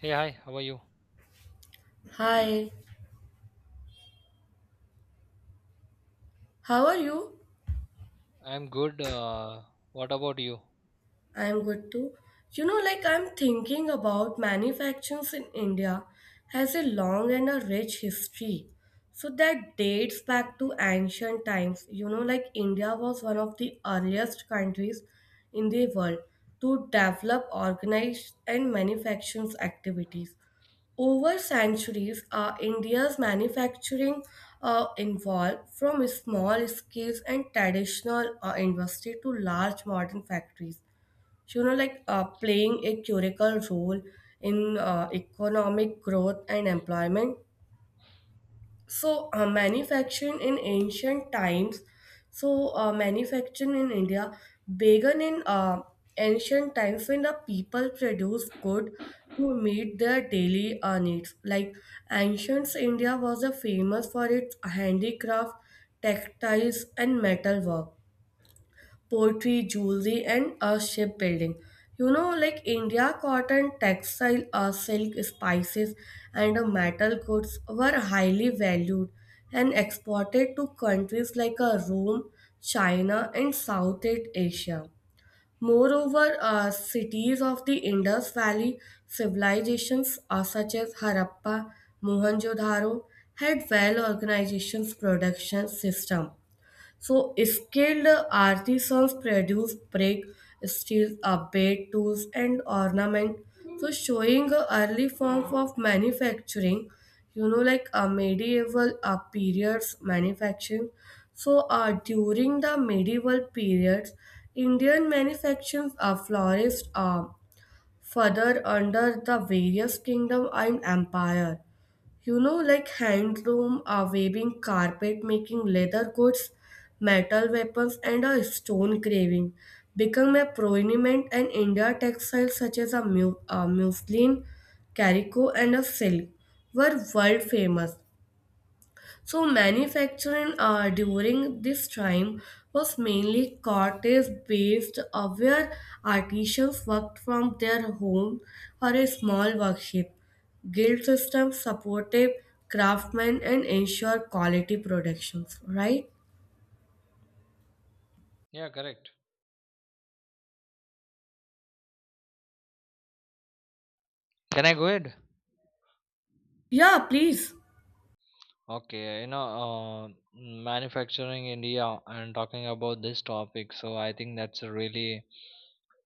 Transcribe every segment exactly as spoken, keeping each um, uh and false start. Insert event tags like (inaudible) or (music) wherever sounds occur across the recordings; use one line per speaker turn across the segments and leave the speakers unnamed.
Hey, hi, how are you?
Hi, how are you?
I'm good. Uh, what about you?
I'm good too. You know, like I'm thinking about manufacturing in India has a long and a rich history. So that dates back to ancient times. You know, like India was one of the earliest countries in the world to develop, organize, and manufacturing activities. Over centuries, uh, India's manufacturing uh, involved from small scales and traditional uh, industry to large modern factories. So, you know, like uh, playing a curical role in uh, economic growth and employment. So, uh, manufacturing in ancient times. So, uh, manufacturing in India began in uh, ancient times when the people produced good to meet their daily uh, needs. Like ancient India was uh, famous for its handicraft, textiles, and metalwork poetry, jewelry, and uh, shipbuilding. You know, like India, cotton, textile, uh, silk, spices, and uh, metal goods were highly valued and exported to countries like uh, Rome, China, and Southeast Asia. Moreover, uh, cities of the Indus Valley civilizations uh, such as Harappa, Mohenjo-daro had well organizations production system so, skilled artisans produce brick, steel, abate tools, and ornament. So, showing a early form of manufacturing, you know, like a medieval uh, periods manufacturing. So, uh, during the medieval periods, Indian manufacturers uh, flourished uh, further under the various kingdom and empire. You know, like handloom, loom, a weaving carpet making, leather goods, metal weapons, and a stone carving become a prominent in India textiles such as a mu- uh, muslin, calico, and a silk were world famous. So, manufacturing uh, during this time was mainly cottage based, uh, where artisans worked from their home or a small workshop. Guild system supported craftsmen and ensured quality productions, right?
Yeah, correct. Can I go ahead?
Yeah, please.
Okay, you know, uh, manufacturing India and talking about this topic, so I think that's a really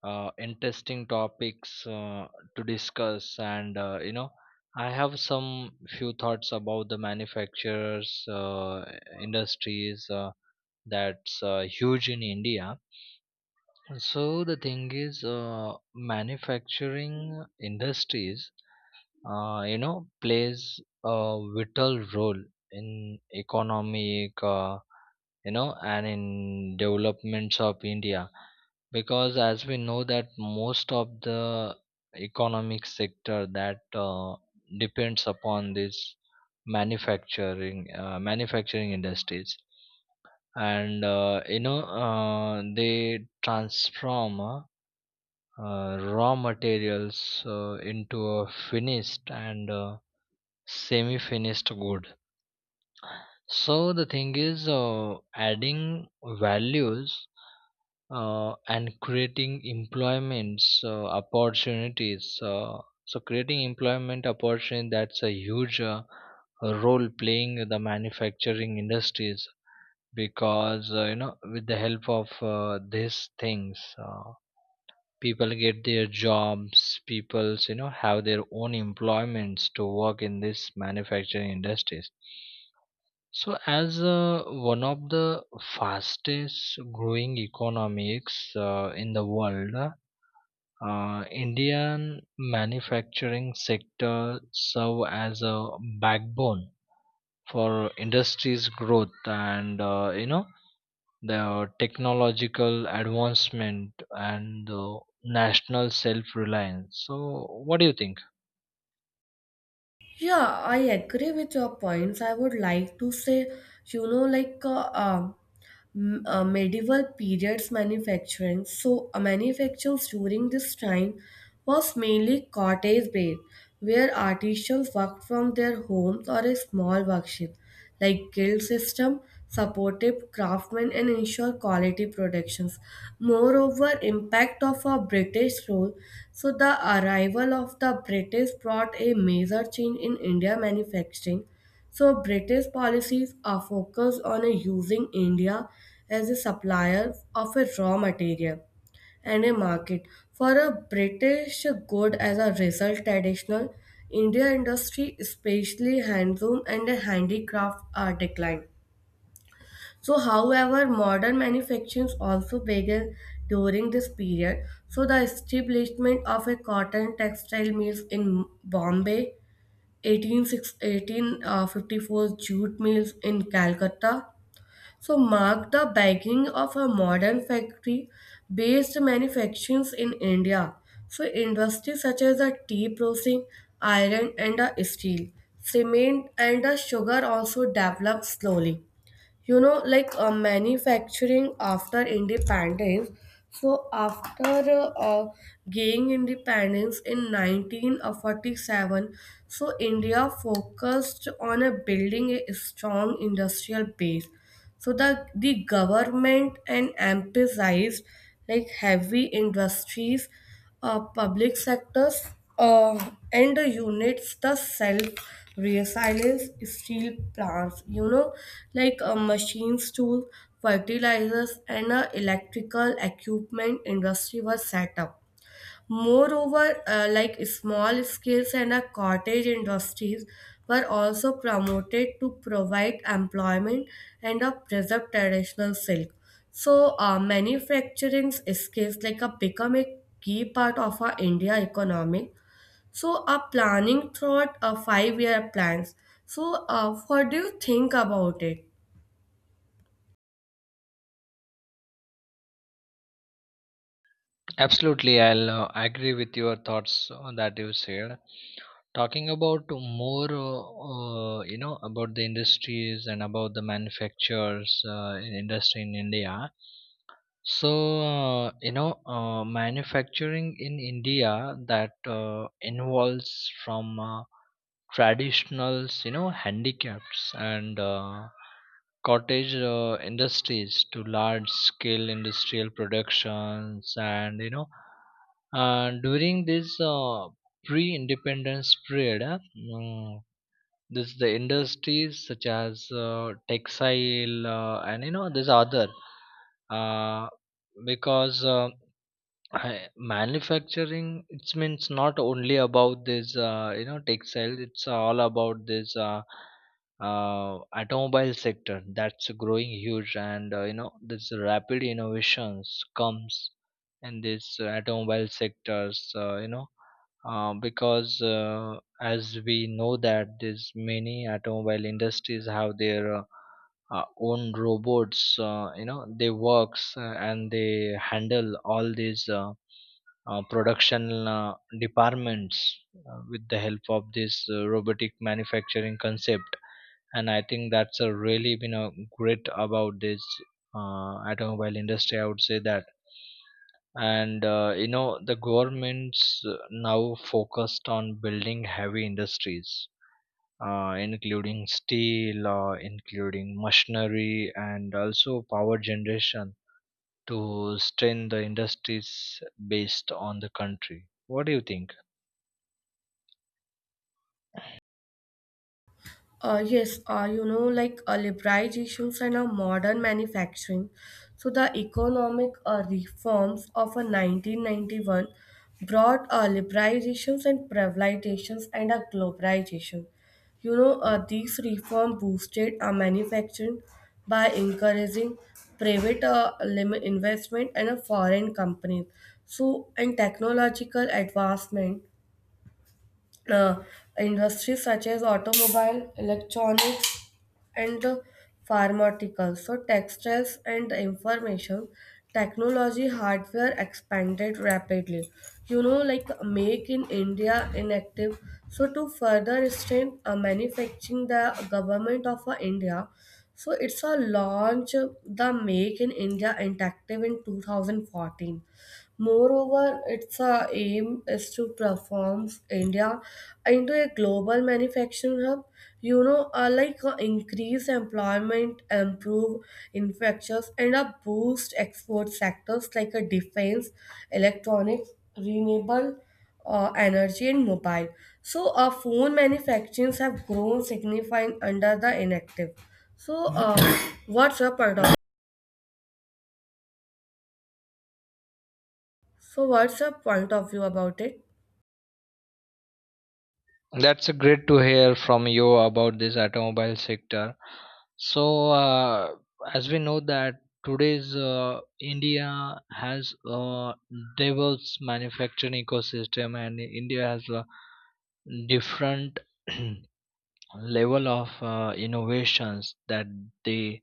uh, interesting topics uh, to discuss. And uh, you know, I have some few thoughts about the manufacturers uh, industries uh, that's uh, huge in India. So the thing is, uh, manufacturing industries uh, you know plays a vital role in economic uh, you know and in developments of india, because as we know that most of the economic sector that uh, depends upon this manufacturing uh, manufacturing industries, and uh, you know uh, they transform uh, uh, raw materials uh, into a finished and uh, semi finished good. So the thing is, uh, adding values, uh, and creating employments uh, opportunities. Uh, so creating employment opportunity, that's a huge, uh, role playing in the manufacturing industries, because uh, you know with the help of uh, these things, uh, people get their jobs, people's you know have their own employments to work in this manufacturing industries. So, as uh, one of the fastest growing economics uh, in the world, uh, Indian manufacturing sector serve as a backbone for industry's growth, and uh, you know the technological advancement and the national self-reliance. So, what do you think?
Yeah, I agree with your points. I would like to say, you know, like, uh, um m- uh, medieval periods manufacturing. So, uh, manufactures during this time was mainly cottage-based, where artisans worked from their homes or a small workshop. Like guild system supported craftsmen and ensured quality productions. Moreover, impact of a British rule. So the arrival of the British brought a major change in India manufacturing, so British policies are focused on a using India as a supplier of a raw material and a market for a British good. As a result, traditional India industry, especially handloom and handicraft, are declined. So however modern manufacturing also began during this period. So the establishment of a cotton textile mills in Bombay one eight six one eight five four jute mills in Calcutta. So marked the beginning of a modern factory-based manufacturing in India. So industries such as the tea processing, iron and the steel, cement and the sugar also developed slowly. You know, like uh, manufacturing after independence. So after uh, uh, gaining independence in nineteen forty-seven, so India focused on a building a strong industrial base. So the, the government and emphasized like heavy industries, uh, public sectors, uh, and the units the self resilience, steel plants, you know, like uh, machines tools, fertilizers and uh, electrical equipment industry was set up. Moreover, uh, like small scales and uh, cottage industries were also promoted to provide employment and uh, preserve traditional silk. So, uh, manufacturing skills like uh, become a key part of our India economy. So, uh, planning throughout uh, five-year plans. So, uh, what do you think about it?
Absolutely, I'll uh, agree with your thoughts uh, that you said. Talking about more, uh, uh, you know, about the industries and about the manufacturers uh, in industry in India. So, uh, you know, uh, manufacturing in India that uh, involves from uh, traditionals, you know handicaps and uh, cottage uh, industries to large scale industrial productions. And you know uh, during this uh, pre independence period, uh, mm, this the industries such as uh, textile, uh, and you know this other, uh, because uh, I- manufacturing, it means not only about this, uh, you know textiles. It's all about this uh, uh, automobile sector that's growing huge, and uh, you know this rapid innovations comes in this uh, automobile sectors, uh, you know uh, because uh, as we know that this many automobile industries have their uh, uh, own robots, uh, you know they works uh, and they handle all these uh, uh, production uh, departments uh, with the help of this uh, robotic manufacturing concept. And I think that's a really been a great about this uh, automobile industry, I would say that. And uh, you know the governments uh, now focused on building heavy industries, uh, including steel, uh, including machinery and also power generation, to strengthen the industries based on the country. What do you think?
Uh, yes, uh, you know, like uh, liberalizations and uh, modern manufacturing. So the economic uh, reforms of uh, nineteen ninety-one brought uh, liberalizations and privatizations and uh, globalization. You know, uh, these reform boosted uh, manufacturing by encouraging private uh, lim- investment and uh, foreign companies. So, and technological advancement, uh, industries such as automobile, electronics, and the pharmaceutical. So textiles and the information technology hardware expanded rapidly. You know, like make in India inactive. So to further extend uh, manufacturing, the government of uh, India, so it's a launch the Make in India Interactive in two thousand fourteen. Moreover, its uh, aim is to perform India into a global manufacturing hub. You know, uh, like uh, increase employment, improve infrastructures, and uh, boost export sectors like uh, defense, electronics, renewable uh, energy, and mobile. So, uh, phone manufacturings have grown significant under the inactive. So, uh, what's your point of so what's your point of view about it?
That's a great to hear from you about this automobile sector. So, uh, as we know that today's uh, India has a diverse manufacturing ecosystem, and India has a different (clears throat) level of uh, innovations that they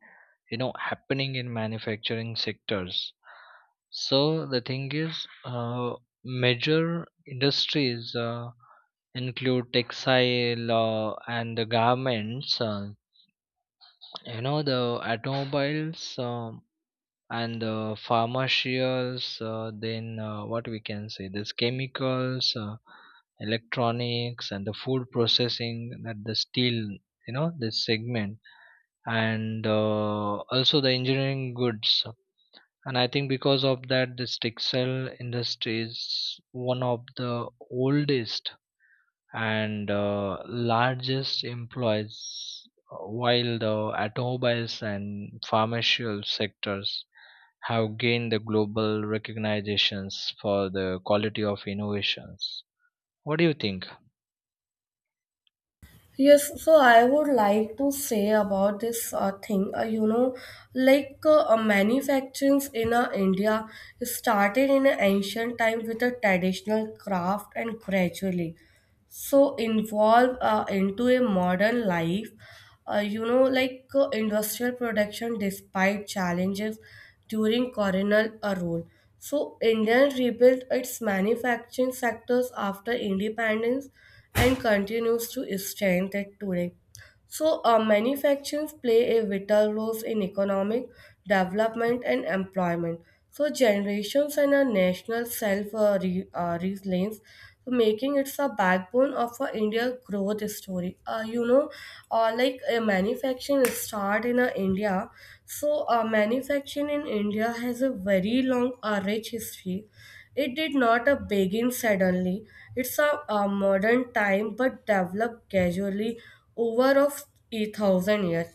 you know happening in manufacturing sectors. So the thing is, uh, major industries Uh, include textile uh, and the garments, uh, you know, the automobiles, um and the pharmaceuticals, uh, then uh, what we can say, this chemicals, uh, electronics, and the food processing, that the steel, you know, this segment, and uh, also the engineering goods. And I think because of that, this textile industry is one of the oldest and uh, largest employers, while the automobiles and pharmaceutical sectors have gained the global recognitions for the quality of innovations. What do you think?
Yes, so I would like to say about this uh, thing. Uh, you know, like uh, uh, manufacturing in uh, India started in an ancient time with a traditional craft and gradually. So involve uh, into a modern life, uh, you know, like uh, industrial production despite challenges during colonial uh, rule. So India rebuilt its manufacturing sectors after independence and continues to strengthen it today. So, uh, manufacturing play a vital role in economic development and employment. So, generations and a national self uh, re- uh, resilience, so making it a backbone of a India growth story. Uh, you know, uh, like uh, manufacturing start in uh, India. So, uh, manufacturing in India has a very long, uh, rich history. It did not uh, begin suddenly. It's a, a modern time, but developed gradually over of a thousand years.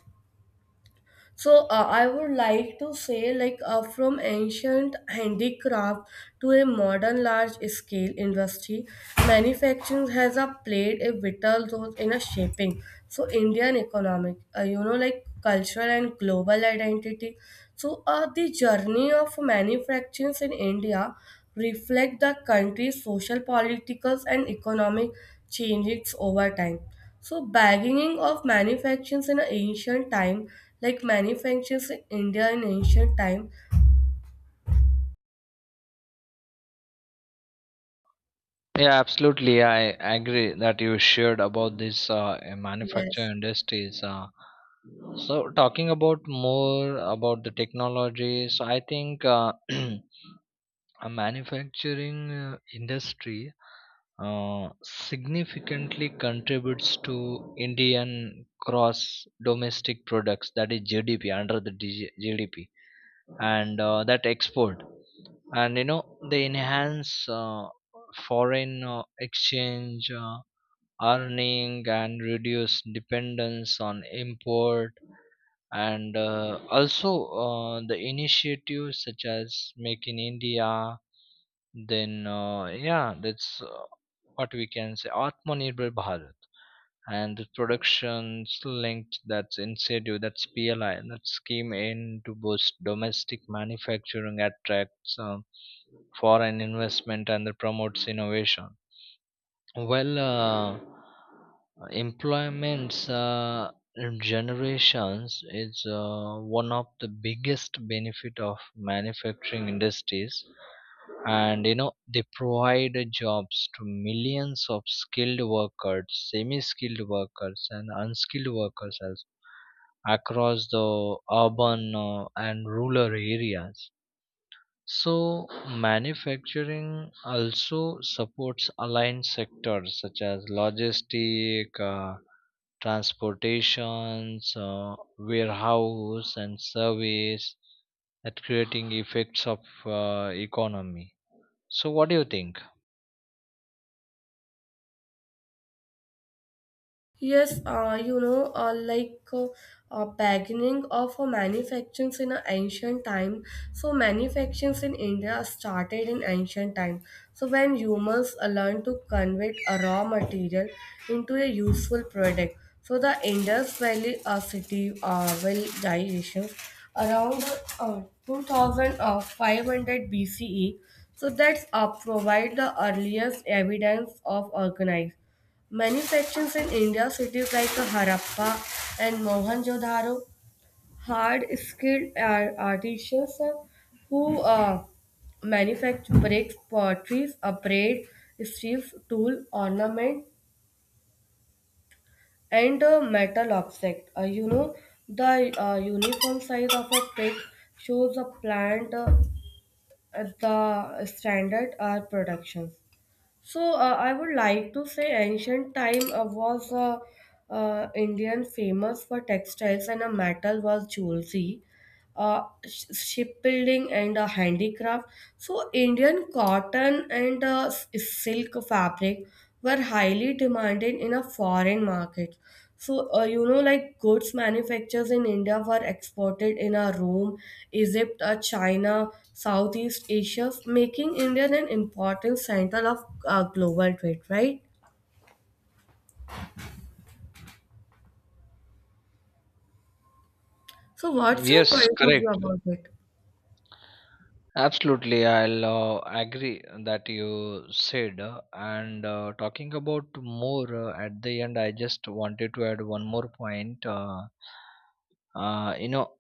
So uh, I would like to say like uh, from ancient handicraft to a modern large scale industry, manufacturing has uh, played a vital role in a shaping. So Indian economic, uh, you know, like cultural and global identity. So uh, the journey of manufacturing in India reflect the country's social, political and economic changes over time. So bagging of manufactures in ancient time, like manufactures in India in ancient time,
Yeah, absolutely. I agree that you shared about this uh, uh,
yes.
manufacturing industries. Uh, so, talking about more about the technology, so I think uh, (clears throat) a manufacturing uh, industry uh, significantly contributes to Indian cross domestic products, that is G D P, under the D G G D P, and uh, that export, and you know they enhance uh, foreign uh, exchange uh, earning and reduce dependence on import. And uh, also, uh, the initiatives such as make in India, then uh, yeah, that's uh, what we can say, Atmanirbhar Bharat, and the productions linked, that's incentive, that's P L I, that scheme aimed to boost domestic manufacturing, attracts uh, foreign investment and that promotes innovation. Well, uh, employment's uh, generations is uh, one of the biggest benefit of manufacturing industries, and you know they provide jobs to millions of skilled workers, semi skilled workers, and unskilled workers as across the urban uh, and rural areas. So manufacturing also supports aligned sectors such as logistic, uh, transportations, uh, warehouse and service, at creating effects of uh, economy. So what do you think?
Yes, uh, you know, uh, like uh, uh, beginning of uh, manufacturing in uh, ancient time. So manufacturing in India started in ancient time. So when humans uh, learned to convert a raw material into a useful product. So the Indus Valley uh, city uh, civilizations around uh, two thousand five hundred B C E. So that's uh, provide the earliest evidence of organized manufacturing in India, cities like Harappa and Mohenjo-daro had skilled ar- artisans who uh, manufactured bricks, pottery, braid, strips, tool, ornament, and uh, metal object. Uh, you know, the uh, uniform size of a pig shows a plant uh, at the standard are productions. So uh, I would like to say ancient time uh, was uh, uh, Indian famous for textiles and a metal was jewelry, uh, sh- shipbuilding and uh, handicraft. So Indian cotton and uh, s- silk fabric were highly demanded in a foreign market. So, uh, you know, like goods manufactures in India were exported in a Rome, Egypt, uh, China, Southeast Asia, making India an important center of uh, global trade, right? So, what's your
Yes,
point of view
correct.
about it?
Absolutely, I'll uh, agree that you said. uh, And uh, talking about more uh, at the end, I just wanted to add one more point. Uh, uh, you know,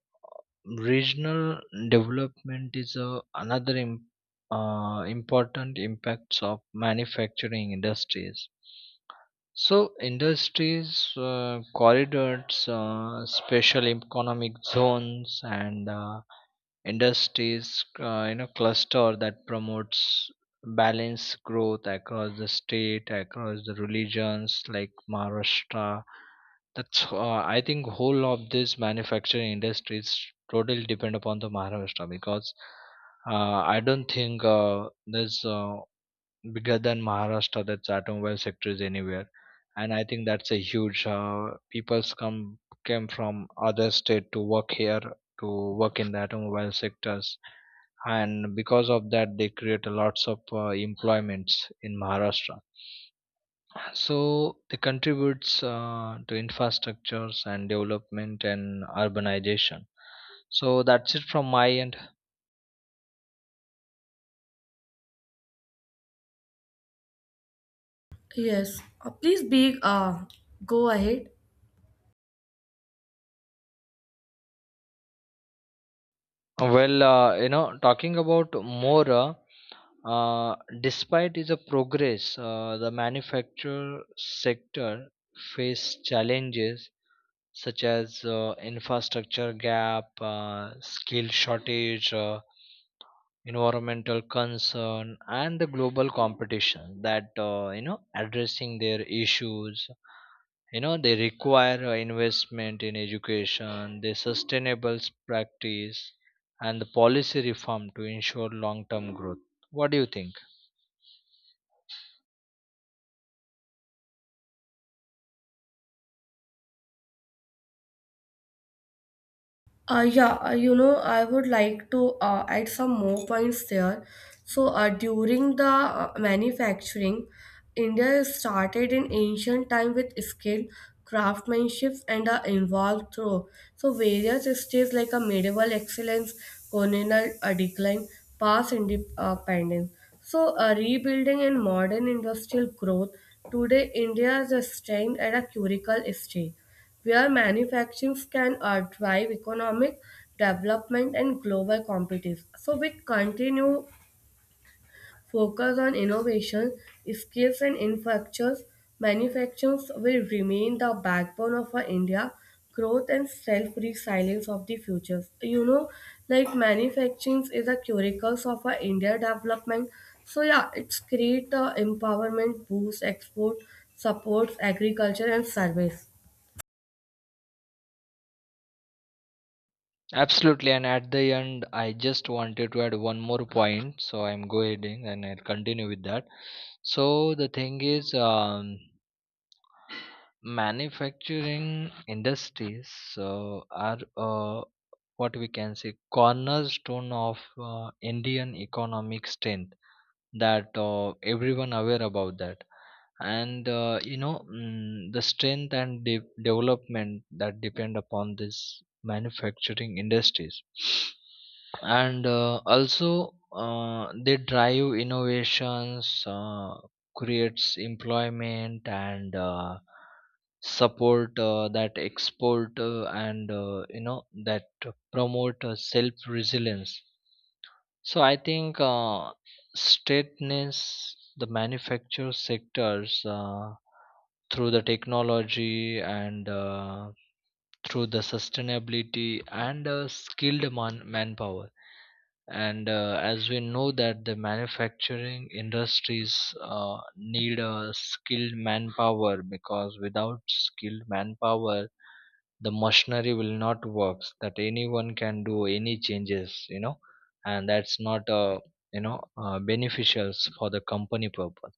Regional development is uh, another im- uh, important impacts of manufacturing industries. So, industries, uh, corridors, uh, special economic zones, and uh, industries uh, you know cluster, that promotes balanced growth across the state, across the religions like Maharashtra. That's uh, I think whole of this manufacturing industry is totally depend upon the Maharashtra, because uh, I don't think uh, there's uh, bigger than Maharashtra, that's automobile sector is anywhere. And I think that's a huge, uh, people's come, came from other state to work here, to work in the automobile sectors, and because of that they create a lots of uh, employments in Maharashtra. So they contributes uh, to infrastructures and development and urbanization. So that's it from my end.
Yes, uh, please be uh, go ahead.
Well, uh, you know, talking about more, uh, uh, despite is a progress, uh, the manufacture sector face challenges such as uh, infrastructure gap, uh, skill shortage, uh, environmental concern, and the global competition. That uh, you know addressing their issues, you know they require uh, investment in education, the sustainable practice, and the policy reform to ensure long term growth. What do you think?
Uh, yeah, uh, you know, I would like to uh, add some more points there. So, uh, during the uh, manufacturing, India started in ancient time with skill, craftsmanship, and uh, involved through so various stages like a medieval excellence, colonial uh, decline, past independence. So, uh, rebuilding and modern industrial growth. Today, India is staying at a curical stage where manufacturing can uh, drive economic development and global competition. So with continued focus on innovation, skills and infrastructures, manufacturing will remain the backbone of our India growth and self-resilience of the future. You know, like manufacturing is a curicles of our India development. So yeah, it's create the empowerment, boost export, supports agriculture and service.
Absolutely, and at the end I just wanted to add one more point, so I'm going and I'll continue with that. So the thing is, um, manufacturing industries so are, uh, what we can say, cornerstone of uh, indian economic strength, that uh, everyone aware about that. And uh, you know mm, the strength and de- development that depend upon this manufacturing industries. And uh, also, uh, they drive innovations, uh, creates employment, and uh, support uh, that export, uh, and uh, you know that promote uh, self resilience. So I think uh, straightness the manufacture sectors uh, through the technology, and uh, through the sustainability, and uh, skilled man- manpower. And uh, as we know that the manufacturing industries uh, need a skilled manpower, because without skilled manpower the machinery will not work, that anyone can do any changes, you know and that's not uh, you know uh, beneficial for the company purpose.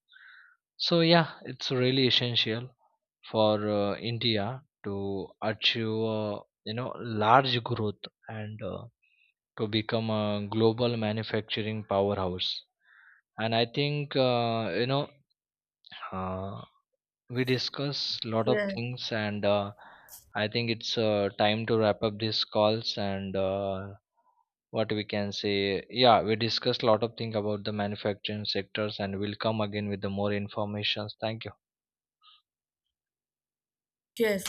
So yeah, it's really essential for uh, india to achieve, uh, you know large growth, and uh, to become a global manufacturing powerhouse. And I think uh, you know uh, we discuss a lot of
Yes.
things, and uh, I think it's uh, time to wrap up these calls. And uh, what we can say, yeah, we discussed a lot of things about the manufacturing sectors, and we'll come again with the more information. Thank you.
Yes.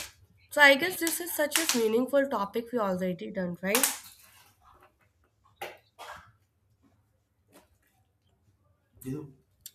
So I guess this is such a meaningful topic we already done, right?